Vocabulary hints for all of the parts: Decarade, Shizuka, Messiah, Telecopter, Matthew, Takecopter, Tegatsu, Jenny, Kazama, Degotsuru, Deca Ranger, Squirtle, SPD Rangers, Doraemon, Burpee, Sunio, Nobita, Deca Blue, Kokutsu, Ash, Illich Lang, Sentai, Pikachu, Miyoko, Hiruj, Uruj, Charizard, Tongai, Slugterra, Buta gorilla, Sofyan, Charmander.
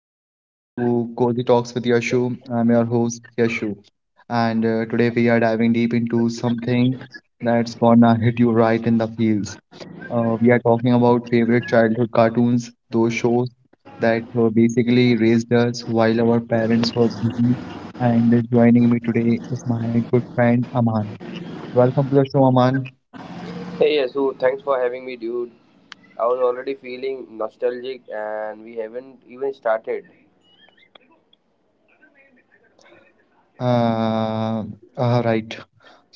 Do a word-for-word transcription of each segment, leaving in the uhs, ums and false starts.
welcome back to Cozy Talks with Yashu. I'm your host Yashu, and uh, today we are diving deep into something that's gonna hit you right in the feels. Uh, we are talking about favorite childhood cartoons, those shows that uh, basically raised us while our parents were busy. And joining me today is my good friend Aman. Welcome to the show, Aman. Hey Yasu, thanks for having me, dude. I was already feeling nostalgic and we haven't even started. Uh, uh, right.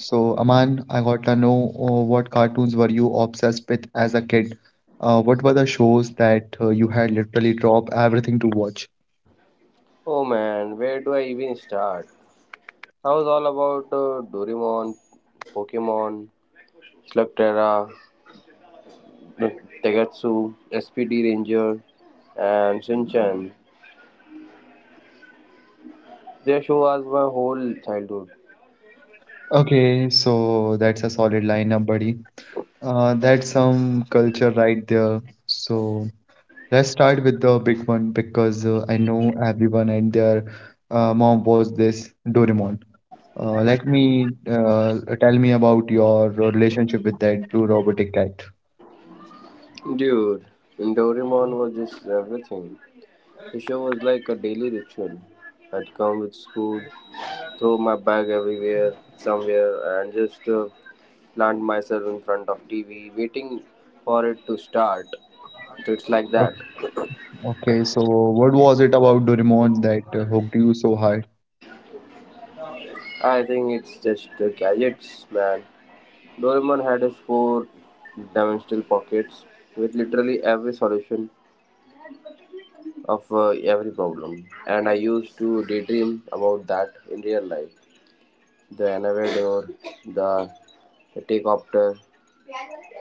So, Aman, I got to know, uh, what cartoons were you obsessed with as a kid? Uh, what were the shows that uh, you had literally dropped everything to watch? Oh man, where do I even start? I was all about uh, Doraemon, Pokemon, Slugterra, Tegatsu, S P D Ranger, and Shinchan. Their show was my whole childhood. Okay, so that's a solid lineup, buddy. Uh, that's some culture right there. So let's start with the big one because uh, I know everyone and their uh, mom was this Doraemon. Uh, let me uh, Tell me about your uh, relationship with that blue robotic guy. Dude, Doraemon was just everything. The show was like a daily ritual. I'd come with school, throw my bag everywhere, somewhere, and just uh, plant myself in front of T V, waiting for it to start. So it's like that. O- Okay, so what was it about Doraemon that uh, hooked you so high? I think it's just uh, gadgets, man. Doraemon had his four dimensional pockets with literally every solution of uh, every problem, and I used to daydream about that in real life. The elevator, the, the take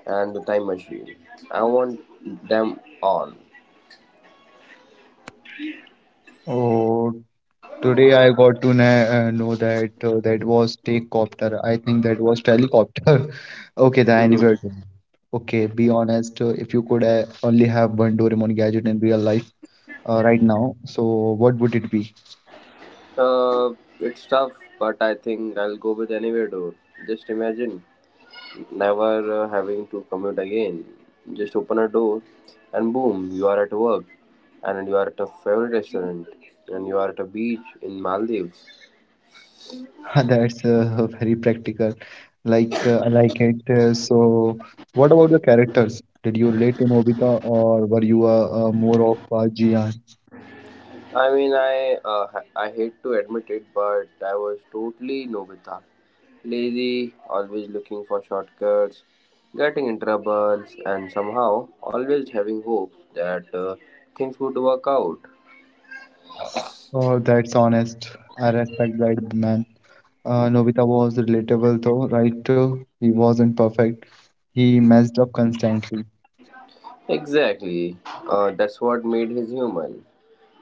and the time machine. I want them all. Oh, today I got to na- uh, know that uh, that was Takecopter. I think that was Telecopter. Okay, the Hmm. anywhere. Okay, be honest, uh, if you could uh, only have one Doraemon gadget in real life uh, right now, so what would it be? Uh, it's tough, but I think I'll go with anywhere door. Just imagine never uh, having to commute again. Just open a door, and boom, you are at work, and you are at a favorite restaurant, and you are at a beach in Maldives. That's uh, very practical. Like uh, I like it. Uh, so, what about the characters? Did you relate to Nobita, or were you uh, uh, more of a Jian? I mean, I uh, ha- I hate to admit it, but I was totally Nobita, lazy, always looking for shortcuts, getting in troubles, and somehow always having hope that uh, things would work out. Oh, that's honest. I respect that man. Uh, Nobita was relatable though, right? Uh, he wasn't perfect. He messed up constantly. Exactly. Uh, that's what made his human.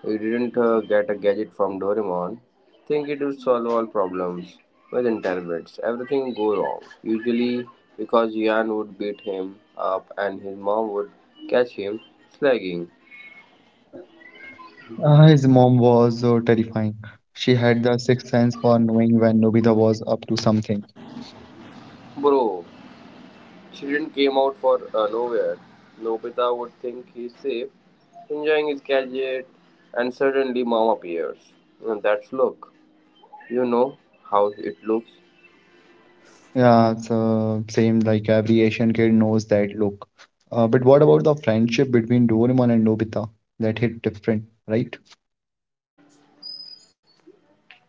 He didn't uh, get a gadget from Doraemon. Think it would solve all problems. Within ten minutes, everything would go wrong. Usually, because Yan would beat him up and his mom would catch him slagging. Uh, his mom was uh, terrifying. She had the sixth sense for knowing when Nobita was up to something. Bro, children came out for uh, nowhere. Nobita would think he's safe, enjoying his gadget, and suddenly mom appears. And that's look. You know how it looks. Yeah, so same like every Asian kid knows that look. Uh, but what about the friendship between Doraemon and Nobita? That hit different, right?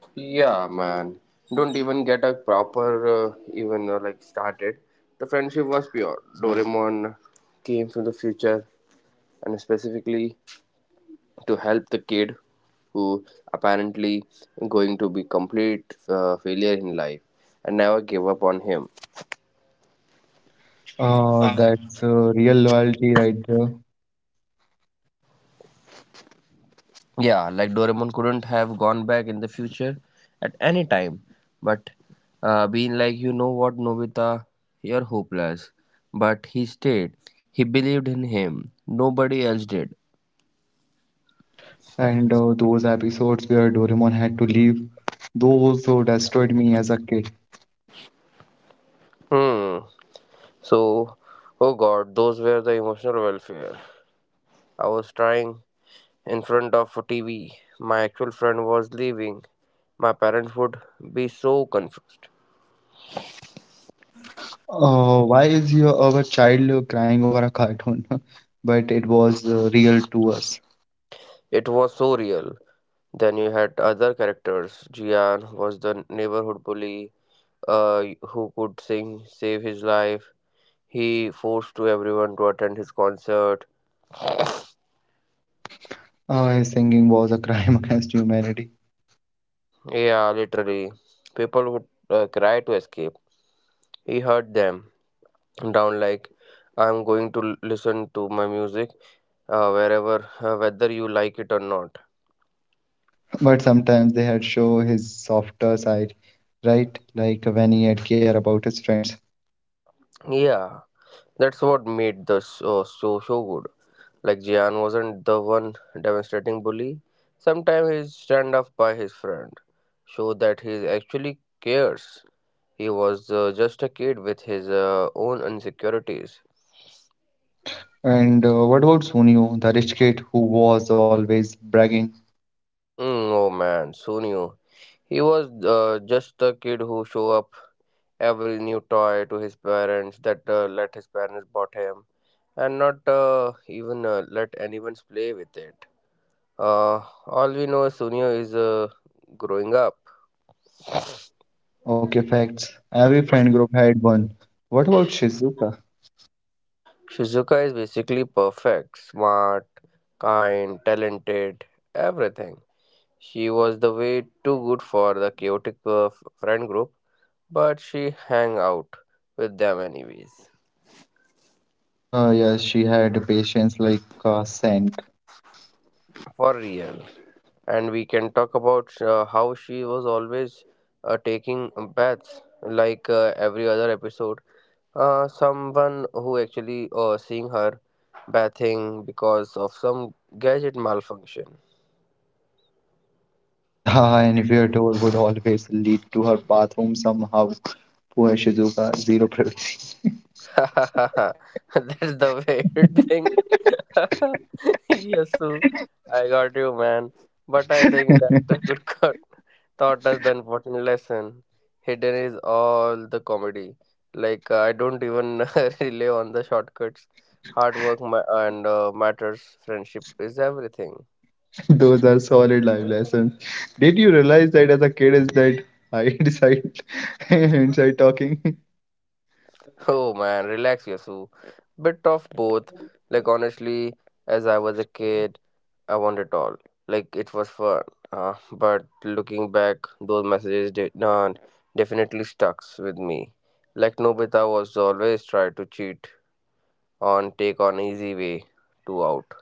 Yeah, man. Don't even get a proper, uh, even uh, like started. The friendship was pure. Doraemon came from the future and specifically to help the kid who apparently going to be complete uh, failure in life and never gave up on him. Uh, that's uh, real loyalty right there. Yeah, like Doraemon couldn't have gone back in the future at any time, but uh, being like, you know what, Nobita, you're hopeless. But he stayed. He believed in him. Nobody else did. And uh, those episodes where Doraemon had to leave, those uh, destroyed me as a kid. Hmm. So, oh god, those were the emotional welfare. I was trying in front of a T V. My actual friend was leaving. My parents would be so confused. Uh, why is your our child uh, crying over a cartoon? But it was uh, real to us. It was so real. Then you had other characters. Jian was the neighborhood bully uh, who could sing, save his life. He forced to everyone to attend his concert. Uh, his singing was a crime against humanity. Yeah, literally, people would uh, cry to escape. He heard them down like, "I'm going to l- listen to my music uh, wherever, uh, whether you like it or not." But sometimes they had show his softer side, right? Like when he had care about his friends. Yeah, that's what made the show so so good. Like Jian wasn't the one demonstrating bully. Sometimes he's stand up by his friend, show that he actually cares. He was uh, just a kid with his uh, own insecurities. And uh, what about Sunio, the rich kid who was always bragging? Mm, oh man, Sunyu. He was uh, just the kid who show up every new toy to his parents that uh, let his parents bought him, and not uh, even uh, let anyone play with it. Uh, all we know is Sunyu is uh, growing up. Okay, facts. Every friend group had one. What about Shizuka? Shizuka is basically perfect, smart, kind, talented, everything. She was the way too good for the chaotic uh, f- friend group, but she hang out with them anyways. Uh, yes, she had patience like a saint. For real. And we can talk about uh, how she was always uh, taking baths like uh, every other episode. Uh, someone who actually uh, seeing her bathing because of some gadget malfunction. The anywhere door would always lead to her bathroom somehow. Poor Shizuka, zero privacy. That's the weird thing. Yes, Sue, I got you, man. But I think that good cut taught us the important lesson. Hidden is all the comedy. Like uh, I don't even rely on the shortcuts. Hard work ma- and uh, matters. Friendship is everything. Those are solid life lessons. Did you realize that as a kid is that I decide inside talking? Oh man, relax, Yasu. Bit of both. Like honestly, as I was a kid, I wanted all. Like it was fun. Uh, but looking back, those messages did not definitely stucks with me. Like Nobita was always try to cheat on take on easy way to out.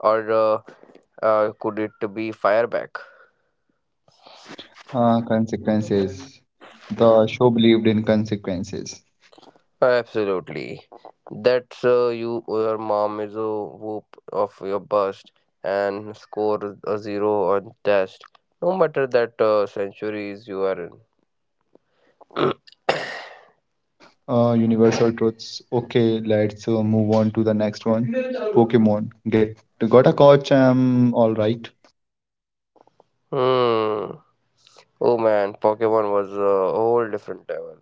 Or uh, uh, could it be fire back? Uh, consequences. The show believed in consequences. Absolutely. That's uh, you. Your mom is a whoop of your bust and score a zero on test. No matter that uh, centuries you are in. Uh, universal truths. Okay, let's uh, move on to the next one. Pokemon. Get got a coach. I'm all right. Hmm. Oh man, Pokemon was a whole different level.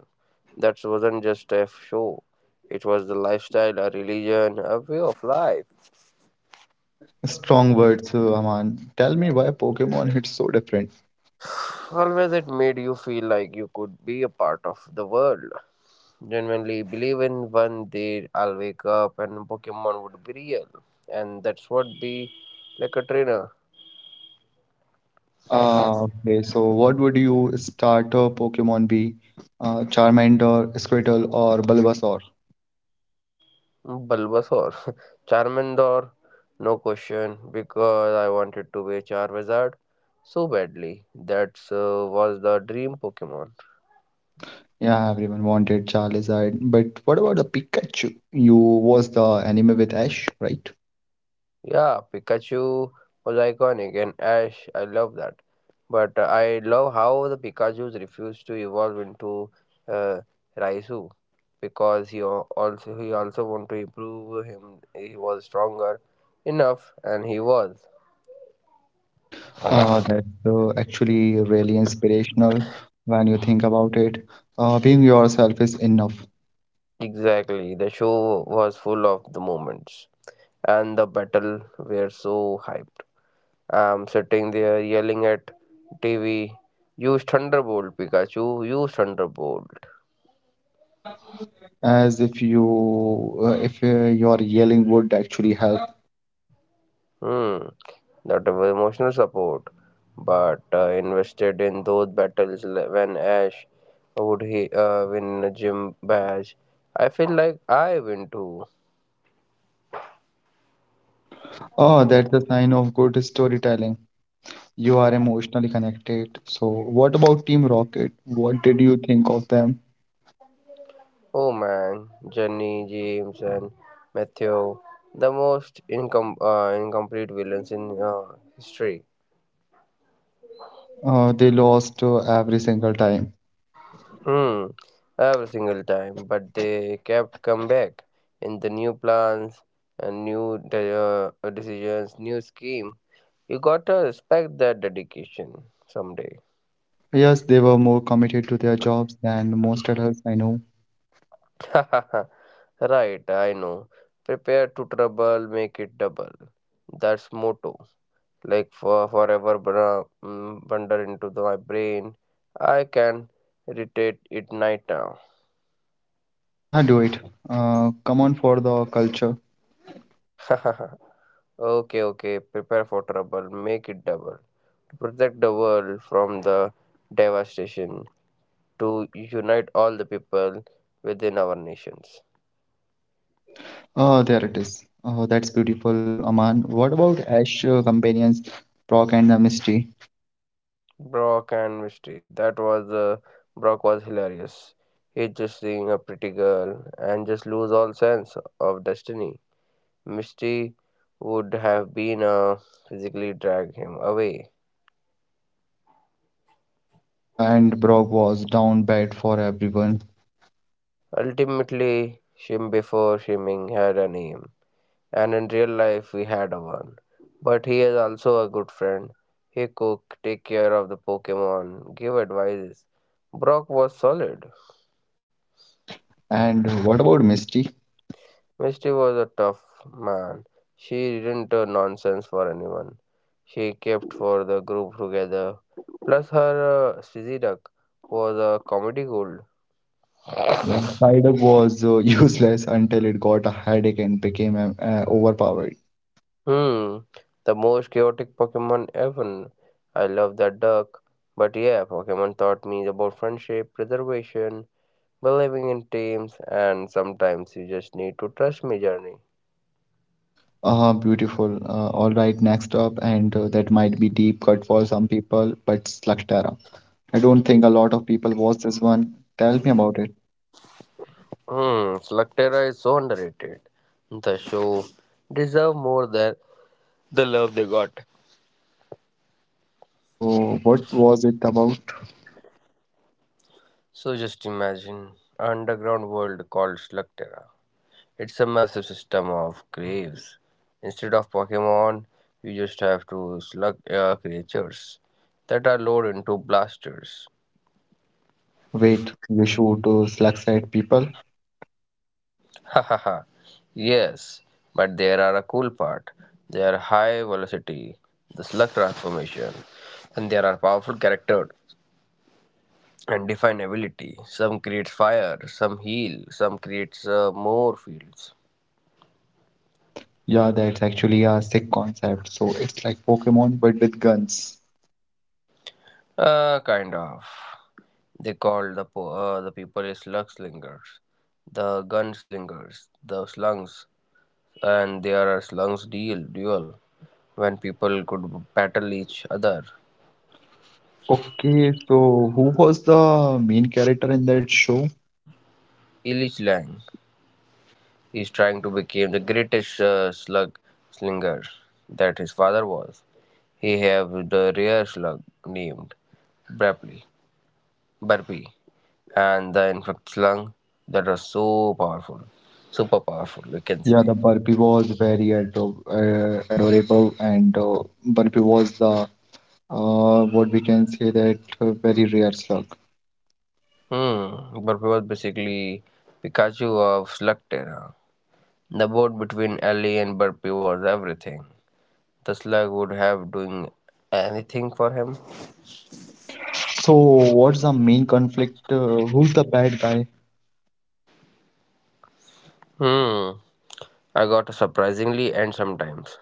That wasn't just a show. It was the lifestyle, a religion, a way of life. Strong words, uh, Aman. Tell me why Pokemon hits so different. Always it made you feel like you could be a part of the world. Genuinely believe in one day I'll wake up and Pokemon would be real. And that's what be like a trainer. Uh, okay, so what would you starter Pokemon be? Uh, Charmander, Squirtle, or Bulbasaur? Bulbasaur. Charmander, no question, because I wanted to be a Charizard so badly. That uh, was the dream Pokemon. Yeah, everyone wanted Charizard, but what about the Pikachu? You was the anime with Ash, right? Yeah, Pikachu was iconic, and Ash, I love that. But uh, I love how the Pikachu's refused to evolve into uh, Raisu because he al- also he also wanted to improve him. He was stronger enough, and he was Uh, that's uh, actually really inspirational when you think about it. Uh, being yourself is enough. exactly. The show was full of the moments, and the battle were so hype. I'm sitting there yelling at T V. Use Thunderbolt, Pikachu! Use Thunderbolt! As if you, uh, if uh, your yelling would actually help. Hmm. That of emotional support, but uh, invested in those battles li- when Ash would he uh, win a gym badge. I feel like I win too. Oh, that's a sign of good storytelling. You are emotionally connected. So, what about Team Rocket? What did you think of them? Oh man, Jenny, James, and Matthew, the most incom- uh, incomplete villains in uh, history. Uh, they lost uh, every single time. Hmm, every single time, but they kept come back in the new plans and new de- uh, decisions, new scheme. You gotta respect that dedication someday. Yes, they were more committed to their jobs than most adults I know. Right, I know. Prepare to trouble, make it double. That's motto. Like for forever bra- mm, wander into the- my brain. I can retate it night now. Ah, do it. Uh, come on for the culture. Okay, okay. Prepare for trouble, make it double. To protect the world from the devastation. To unite all the people within our nations. Oh, there it is. Oh, that's beautiful, Aman. What about Ash uh, companions, Brock and the Misty? Brock and Misty. That was uh, Brock was hilarious. He just seeing a pretty girl and just lose all sense of destiny. Misty would have been uh, physically drag him away. Yeah, and Brock was down bad for everyone. Ultimately, Shim before Shimming had a name, and in real life we had a one. But he is also a good friend. He cook, take care of the Pokemon, give advices. Brock was solid. And what about Misty? Misty was a tough man. She didn't uh, nonsense for anyone. She kept for the group together. Plus, her uh, Sizzy Duck was a comedy gold. The cider was uh, useless until it got a headache and became um, uh, overpowered. Hmm, the most chaotic Pokemon ever. I love that duck. But yeah, Pokemon taught me about friendship, preservation, believing in teams, and sometimes you just need to trust me, journey. Ah, beautiful. Uh, all right, next up, and uh, that might be deep cut for some people, but Slugterra. I don't think a lot of people watch this one. Tell me about it. Hmm, Slugterra is so underrated. The show deserve more than the love they got. So, what was it about? So just imagine an underground world called Slugterra. It's a massive system of graves. Instead of Pokemon, you just have to slug uh, creatures that are loaded into blasters. Wait, you shoot uh, slugs at people? Ha ha ha. Yes, but there are a cool part. They are high velocity, the slug transformation, and there are powerful characters and define ability. Some creates fire, some heal, some creates uh, more fields. Yeah, that's actually a sick concept. So, it's like Pokemon, but with guns. Uh, kind of. They called the po- uh, the people is slugslingers, the gunslingers, the slungs, and there are slungs deal duel when people could battle each other. Okay, so who was the main character in that show? Illich Lang is trying to become the greatest uh, slug slinger that his father was. He have the rare slug named Burpee, Burpee, and the infect slung that are so powerful, super powerful, we can Yeah, say. the burpee was very ado uh, adorable, and uh, burpee was the uh, what we can say that uh, very rare slug. Hmm, Burpee was basically Pikachu of Slug Terra. The board between Ellie and Burpee was everything. The slug would have doing anything for him. So, what's the main conflict? Uh, who's the bad guy? Hmm, I got surprisingly and sometimes,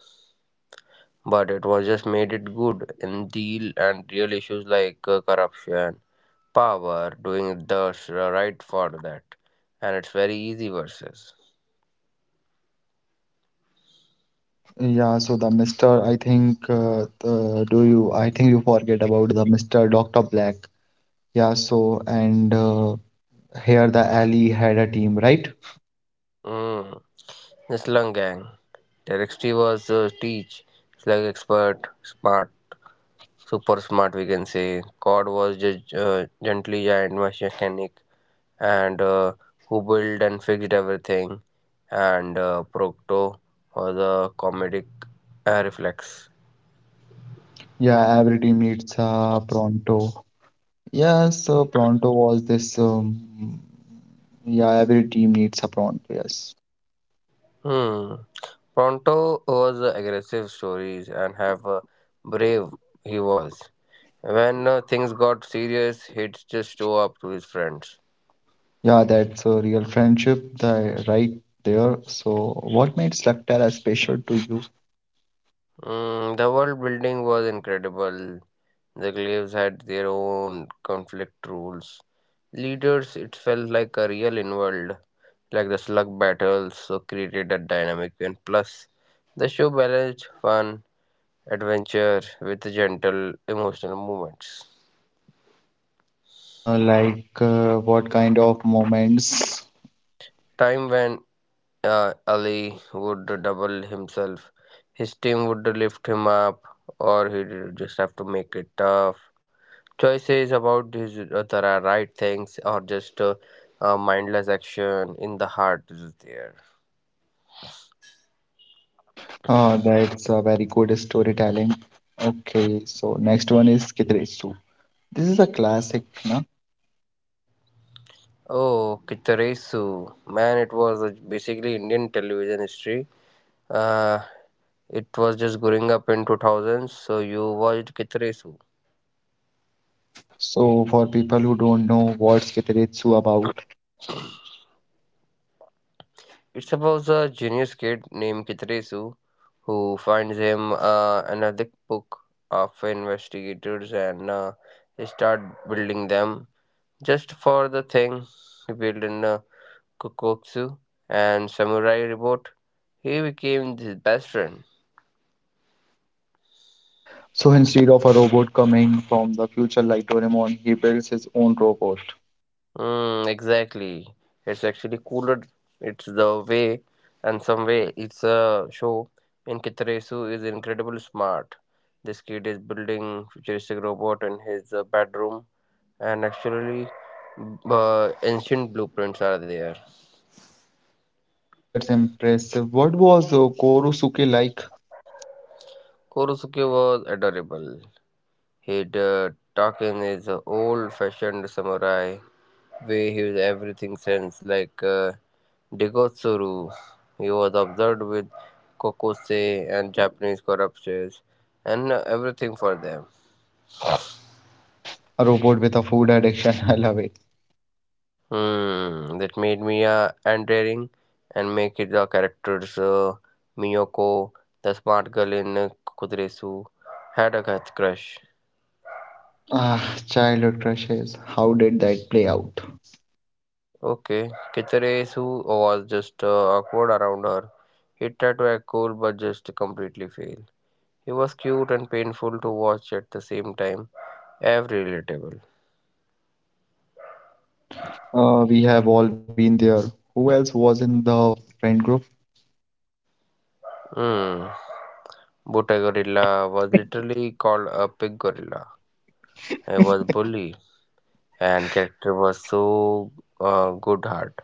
but it was just made it good in deal and real issues like uh, corruption, power, doing the s- right for that, and it's very easy versus. Yeah, so the mister I think uh, the, do you? I think you forget about the mister doctor Black. Yeah, so and uh, here the alley had a team, right? Hmm. The Slum Gang. Directory was the teach, slug expert, smart, super smart, we can say. Cod was just uh, gently giant mechanic and uh, who built and fixed everything. And uh, Procto was a comedic uh, reflex. Yeah, every team needs a pronto. Yes, uh, Pronto was this. Um, yeah, every team needs a Pronto. Yes. Hmm. Pronto was aggressive stories and have a brave he was. When uh, things got serious, he'd just show up to his friends. Yeah, that's a real friendship the, right there. So, what made Slugterra special to you? Mm, the world building was incredible. The glaives had their own conflict rules. Leaders, it felt like a real inworld, like the slug battles, so created a dynamic and plus the show balanced fun, adventure with gentle emotional moments. Uh, like, uh, what kind of moments? Time when uh, Ali would double himself, his team would lift him up, or he'd just have to make it tough. Choices about his uh, the ri- right things or just uh, uh, mindless action in the heart is there. Uh, that's a very good storytelling. Okay, so next one is Kitaretsu. This is a classic, na? Oh, Kitaresu, man, it was uh, basically Indian television history. Uh, it was just growing up in two thousands, so you watched Kitaresu. So, for people who don't know what's Kitaretsu about, It's about a genius kid named Kitresu who finds him uh, another book of investigators and uh, start building them just for the thing he built in. uh, Kokutsu, and Samurai Reboot, he became his best friend. so instead of a robot coming from the future like Doraemon, he builds his own robot. Mm, exactly. It's actually cooler. It's the way, and some way, it's a show. And Kitarasu is incredibly smart. This kid is building futuristic robot in his uh, bedroom, and actually, uh, ancient blueprints are there. Yeah, that's impressive. What was uh, Korosuke like? Korosuke was adorable. He'd uh, talk in his old-fashioned samurai way. He was everything sense, like. Uh, Degotsuru, he was obsessed with Kokosei and Japanese corpses and everything for them. A robot with a food addiction. I love it. Hmm, that made Mia endearing and make it the characters uh, Miyoko, the smart girl in Kuduresu, had a crush. Ah, childhood crushes. How did that play out? Okay, Kitsuresu was just uh, awkward around her. He tried to act cool but just completely failed. He was cute and painful to watch at the same time. Every relatable. Uh, we have all been there. Who else was in the friend group? Hmm. Buta gorilla was literally called a pig gorilla. He was bully and character was so uh, good heart.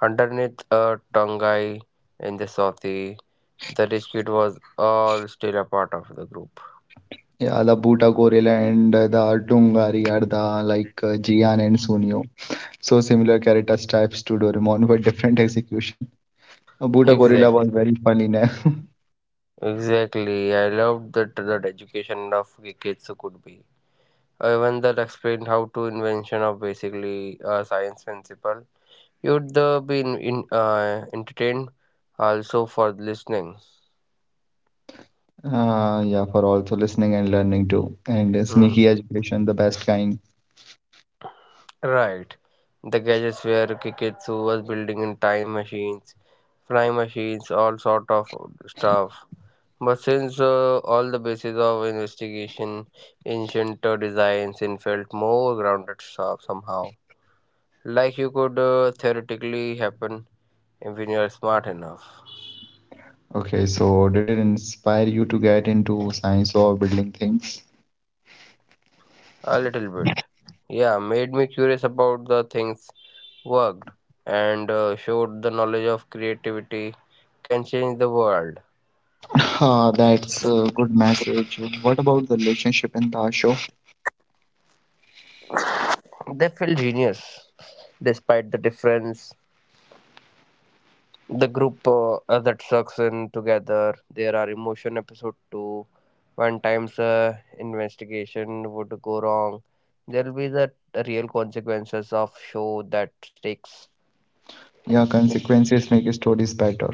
Underneath a Tongai in the Southie, the rich kid was all still a part of the group. Yeah, the Buta Gorilla and the Dungari are the like uh, Jian and Sunio. So similar character types to Doraemon, but different execution. Uh, Buta Gorilla was Exactly. very funny name. Exactly. I loved that that education of the kids could be. Even that explained how to invention of basically a science principle. You'd uh, be in, in, uh, entertained also for listening. Uh, yeah, for also listening and learning too. And sneaky Hmm. education, the best kind. Right. The gadgets were Kiketsu was building in time machines, flying machines, all sort of stuff. But since uh, all the basis of investigation, ancient uh, designs, and felt more grounded so- somehow, like you could uh, theoretically happen if you are smart enough. Okay, so did it inspire you to get into science or building things? A little bit. Yeah, made me curious about the things worked and uh, showed the knowledge of creativity can change the world. Ah, that's a good message. What about the relationship in the show? They feel genius despite the difference. The group uh, uh, that sucks in together. There are emotion episode two. One times uh, investigation would go wrong. There will be the real consequences of show that stakes. Yeah, consequences make stories better.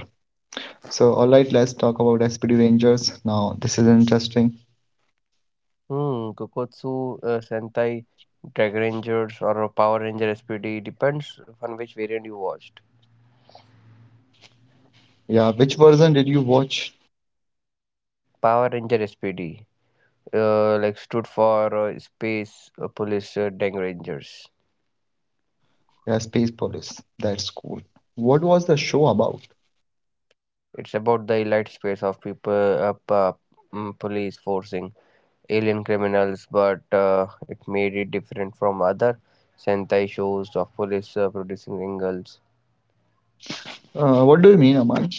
So, all right, let's talk about S P D Rangers. Now, this is interesting. Hmm, Kokotsu, uh, Sentai, Dragon Rangers, or Power Ranger S P D depends on which variant you watched. Yeah, which version did you watch? Power Ranger S P D, uh, like stood for uh, Space uh, Police uh, Dang Rangers. Yeah, Space Police. That's cool. What was the show about? It's about the elite space of people, uh, pa- mm, police forcing alien criminals, but uh, it made it different from other Sentai shows of police uh, producing singles. Uh, what do you mean, Aman?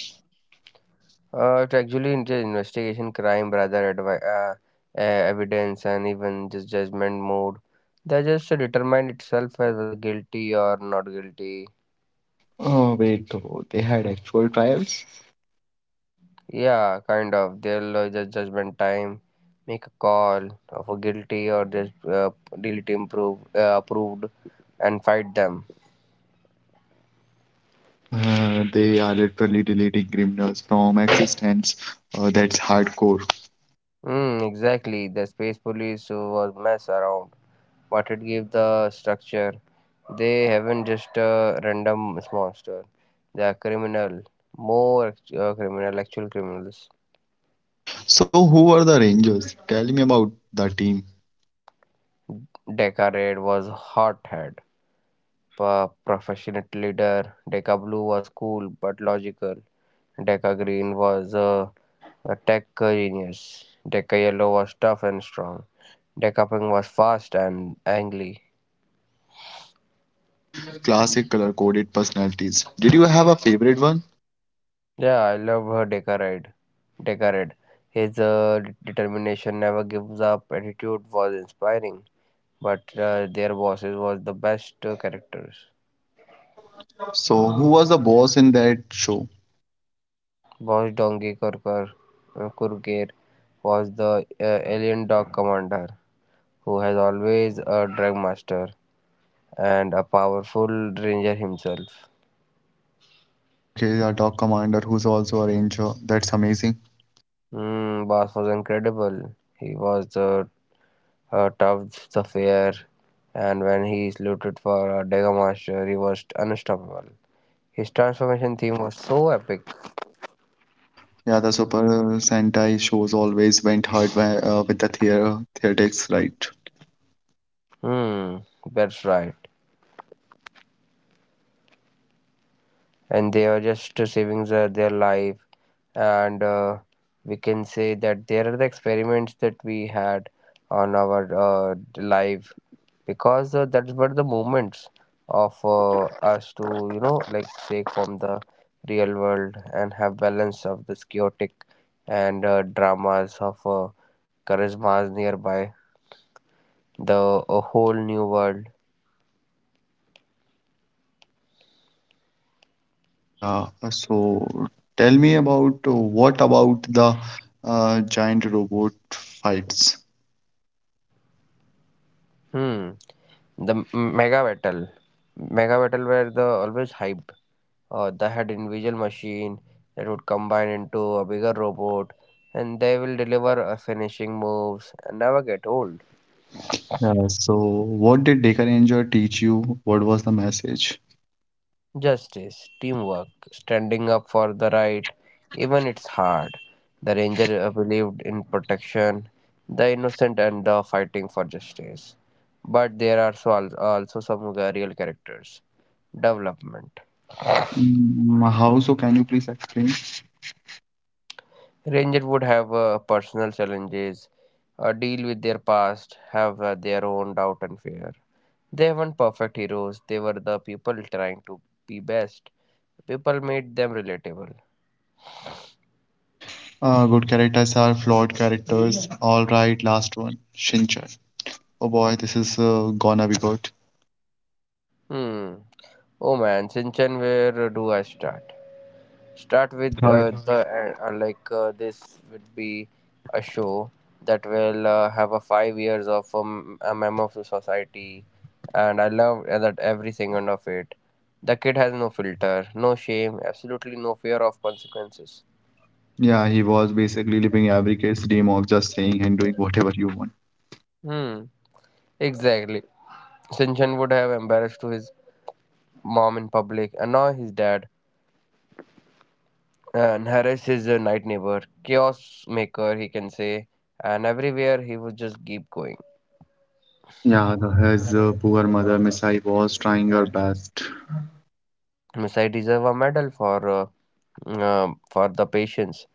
Uh, it actually in- just investigation crime rather advi- uh, uh, evidence and even just judgment mode. They just determine itself as whether guilty or not guilty. Oh, wait, oh, they had actual trials? Yeah, kind of. They'll uh, just judgment time, make a call of a guilty or just uh, delete, improve uh, approved, and fight them. Uh, they are literally deleting criminals from existence. Uh, that's hardcore. Mm, exactly. The space police who was mess around, but it gave the structure. They haven't just a random monster. They are criminal, more act- uh, criminal, actual criminals. So, who are the Rangers? Tell me about the team. Decarade was hothead, a professional leader. Deca Blue was cool but logical. Deca Green was a, a tech genius. Deca Yellow was tough and strong. Deca Pink was fast and angry. Classic color coded personalities. Did you have a favorite one? Yeah, I love her Decarade. Decarade. His uh, d- determination never gives up attitude was inspiring, but uh, their bosses was the best uh, characters. So, who was the boss in that show? Boss Donkey Kurker, uh, Kurker was the uh, alien dog commander who has always a drug master and a powerful ranger himself. Okay, a dog commander who's also a ranger. That's amazing. Mm, boss was incredible. He was uh, uh, toughs the fair, and when he is looted for a Dega Master, he was unstoppable. His transformation theme was so epic. Yeah, the Super Sentai shows always went hard by, uh, with the theater theatrics, right? Hmm, that's right. And they are just saving their their life and uh, we can say that there are the experiments that we had on our uh, life because uh, that were the moments of uh, us to, you know, like, shake from the real world and have balance of this chaotic and uh, dramas of uh, charismas nearby the a whole new world. Yeah, uh, so tell me about uh, what about the uh, giant robot fights? Hmm the m- mega battle. Mega battle were the always hyped. Uh, they had individual machine that would combine into a bigger robot, and they will deliver uh, finishing moves and never get old. Uh, so what did Deca Ranger teach you? What was the message? Justice, teamwork, standing up for the right, even it's hard. The ranger uh, believed in protection the innocent and the fighting for justice, but there are so al- also some uh, real characters development. Mm, how so? Can you please explain? Ranger would have uh, personal challenges, uh, deal with their past, have uh, their own doubt and fear. They weren't perfect heroes, they were the people trying to be best. People made them relatable. Uh, good characters are flawed characters. All right, last one, Shinchan. Oh boy, this is uh, gonna be good. Hmm. Oh man, Shinchan, where do I start? Start with Start. uh, the uh, uh, like uh, this would be a show that will uh, have a five years of um, a member of the society, and I love uh, that every second of it. The kid has no filter, no shame, absolutely no fear of consequences. Yeah, he was basically living every kid's dream of just saying and doing whatever you want. Hmm. Exactly. Sinchan would have embarrassed to his mom in public, and now his dad and harass his uh, night neighbor, chaos maker, he can say, and everywhere he would just keep going. Yeah, the, his uh, poor mother, Misai, was trying her best. Messiah deserve a medal for uh, um, for the patients.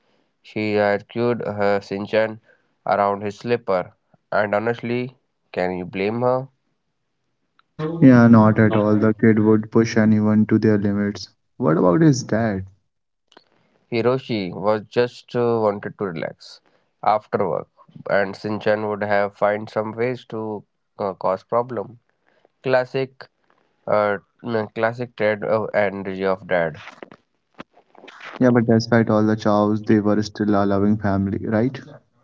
She had cured her Shinchan around his slipper, and honestly, can you blame her? Yeah, not at all. The kid would push anyone to their limits. What about his dad? Hiroshi was just uh, wanted to relax after work, and Shinchan would have find some ways to uh, cause problem. Classic, uh, mm, classic Ted uh, energy of dad. Yeah, but despite all the chows, they were still a loving family, right?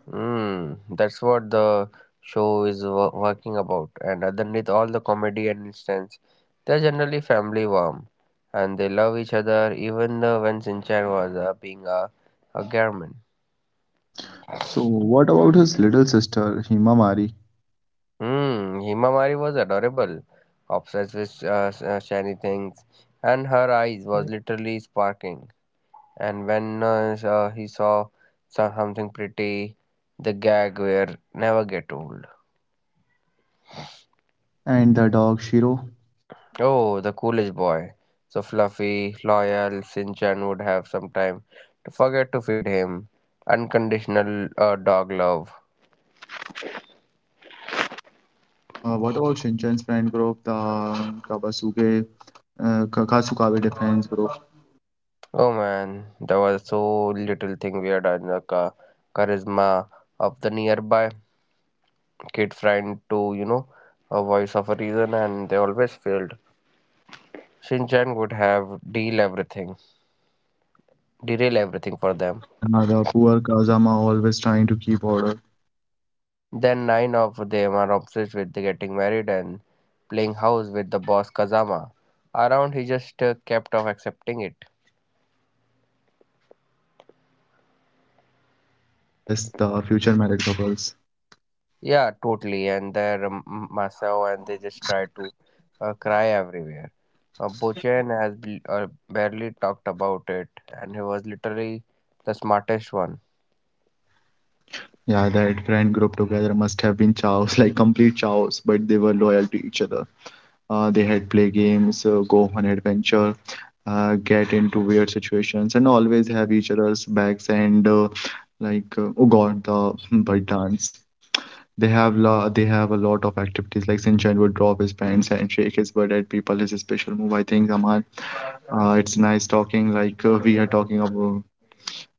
Mm, that's what the show is wo- working about. And underneath all the comedy and instance, they're generally family warm, and they love each other even uh, when Sinchan was uh, being a, a garment. So, what about his little sister, Himamari, Hmm, Himamari was adorable, obsessed with uh, s- uh, shiny things, and her eyes was literally sparking. And when uh, s- uh, he saw some- something pretty, the gag will never get old. and the dog Shiro? Oh, the coolest boy. So fluffy, loyal, Sinchan would have some time to forget to feed him. Unconditional uh, dog love. Uh, what about Shinchan's friend group, the Kabasuke, uh, Ka- Kasukabe defense group? Oh man, there was so little thing weird on the cha- charisma of the nearby kid friend to, you know, a voice of a reason, and they always failed. Sinchan would have deal everything, derail everything for them. Yeah, the poor Kazama always trying to keep order. Then nine of them are obsessed with the getting married and playing house with the boss Kazama. Around he just uh, kept off accepting it. Yes, the future married couples. Yeah, totally. And they um, Masao and they just try to uh, cry everywhere. Uh, Bochen has bl- uh, barely talked about it and he was literally the smartest one. Yeah, that friend group together must have been chows, like complete chows, but they were loyal to each other. Uh, they had play games, uh, go on adventure, uh, get into weird situations, and always have each other's backs. And uh, like, uh, oh God, the butt dance. They have la they have a lot of activities. Like Sinchan would drop his pants and shake his butt at people. His special move, I think, Aman. Uh, it's nice talking. Like uh, we are talking about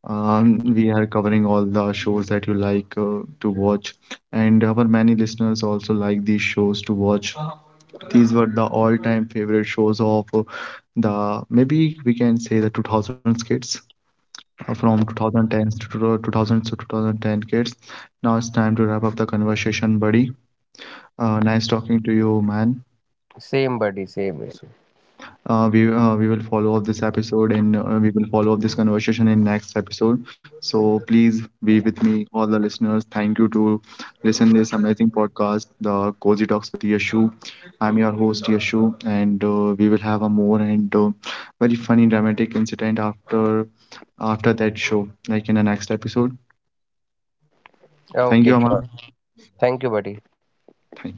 um, we are covering all the shows that you like uh, to watch, and our many listeners also like these shows to watch. These were the all-time favorite shows of uh, the maybe we can say the two thousands kids uh, from twenty tens to two- 2000s to twenty ten kids. Now it's time to wrap up the conversation, buddy. Uh, nice talking to you, man. Same buddy, same issue. Uh, we, uh, we will follow up this episode and uh, we will follow up this conversation in next episode, so please be with me all the listeners. Thank you to listen this amazing podcast, the Cozy Talks with Yashu. I'm your host Yashu, and uh, we will have a more and uh, very funny dramatic incident after after that show like in the next episode. Thank you, Okay, Aman. sure. Thank you, buddy. Thank you.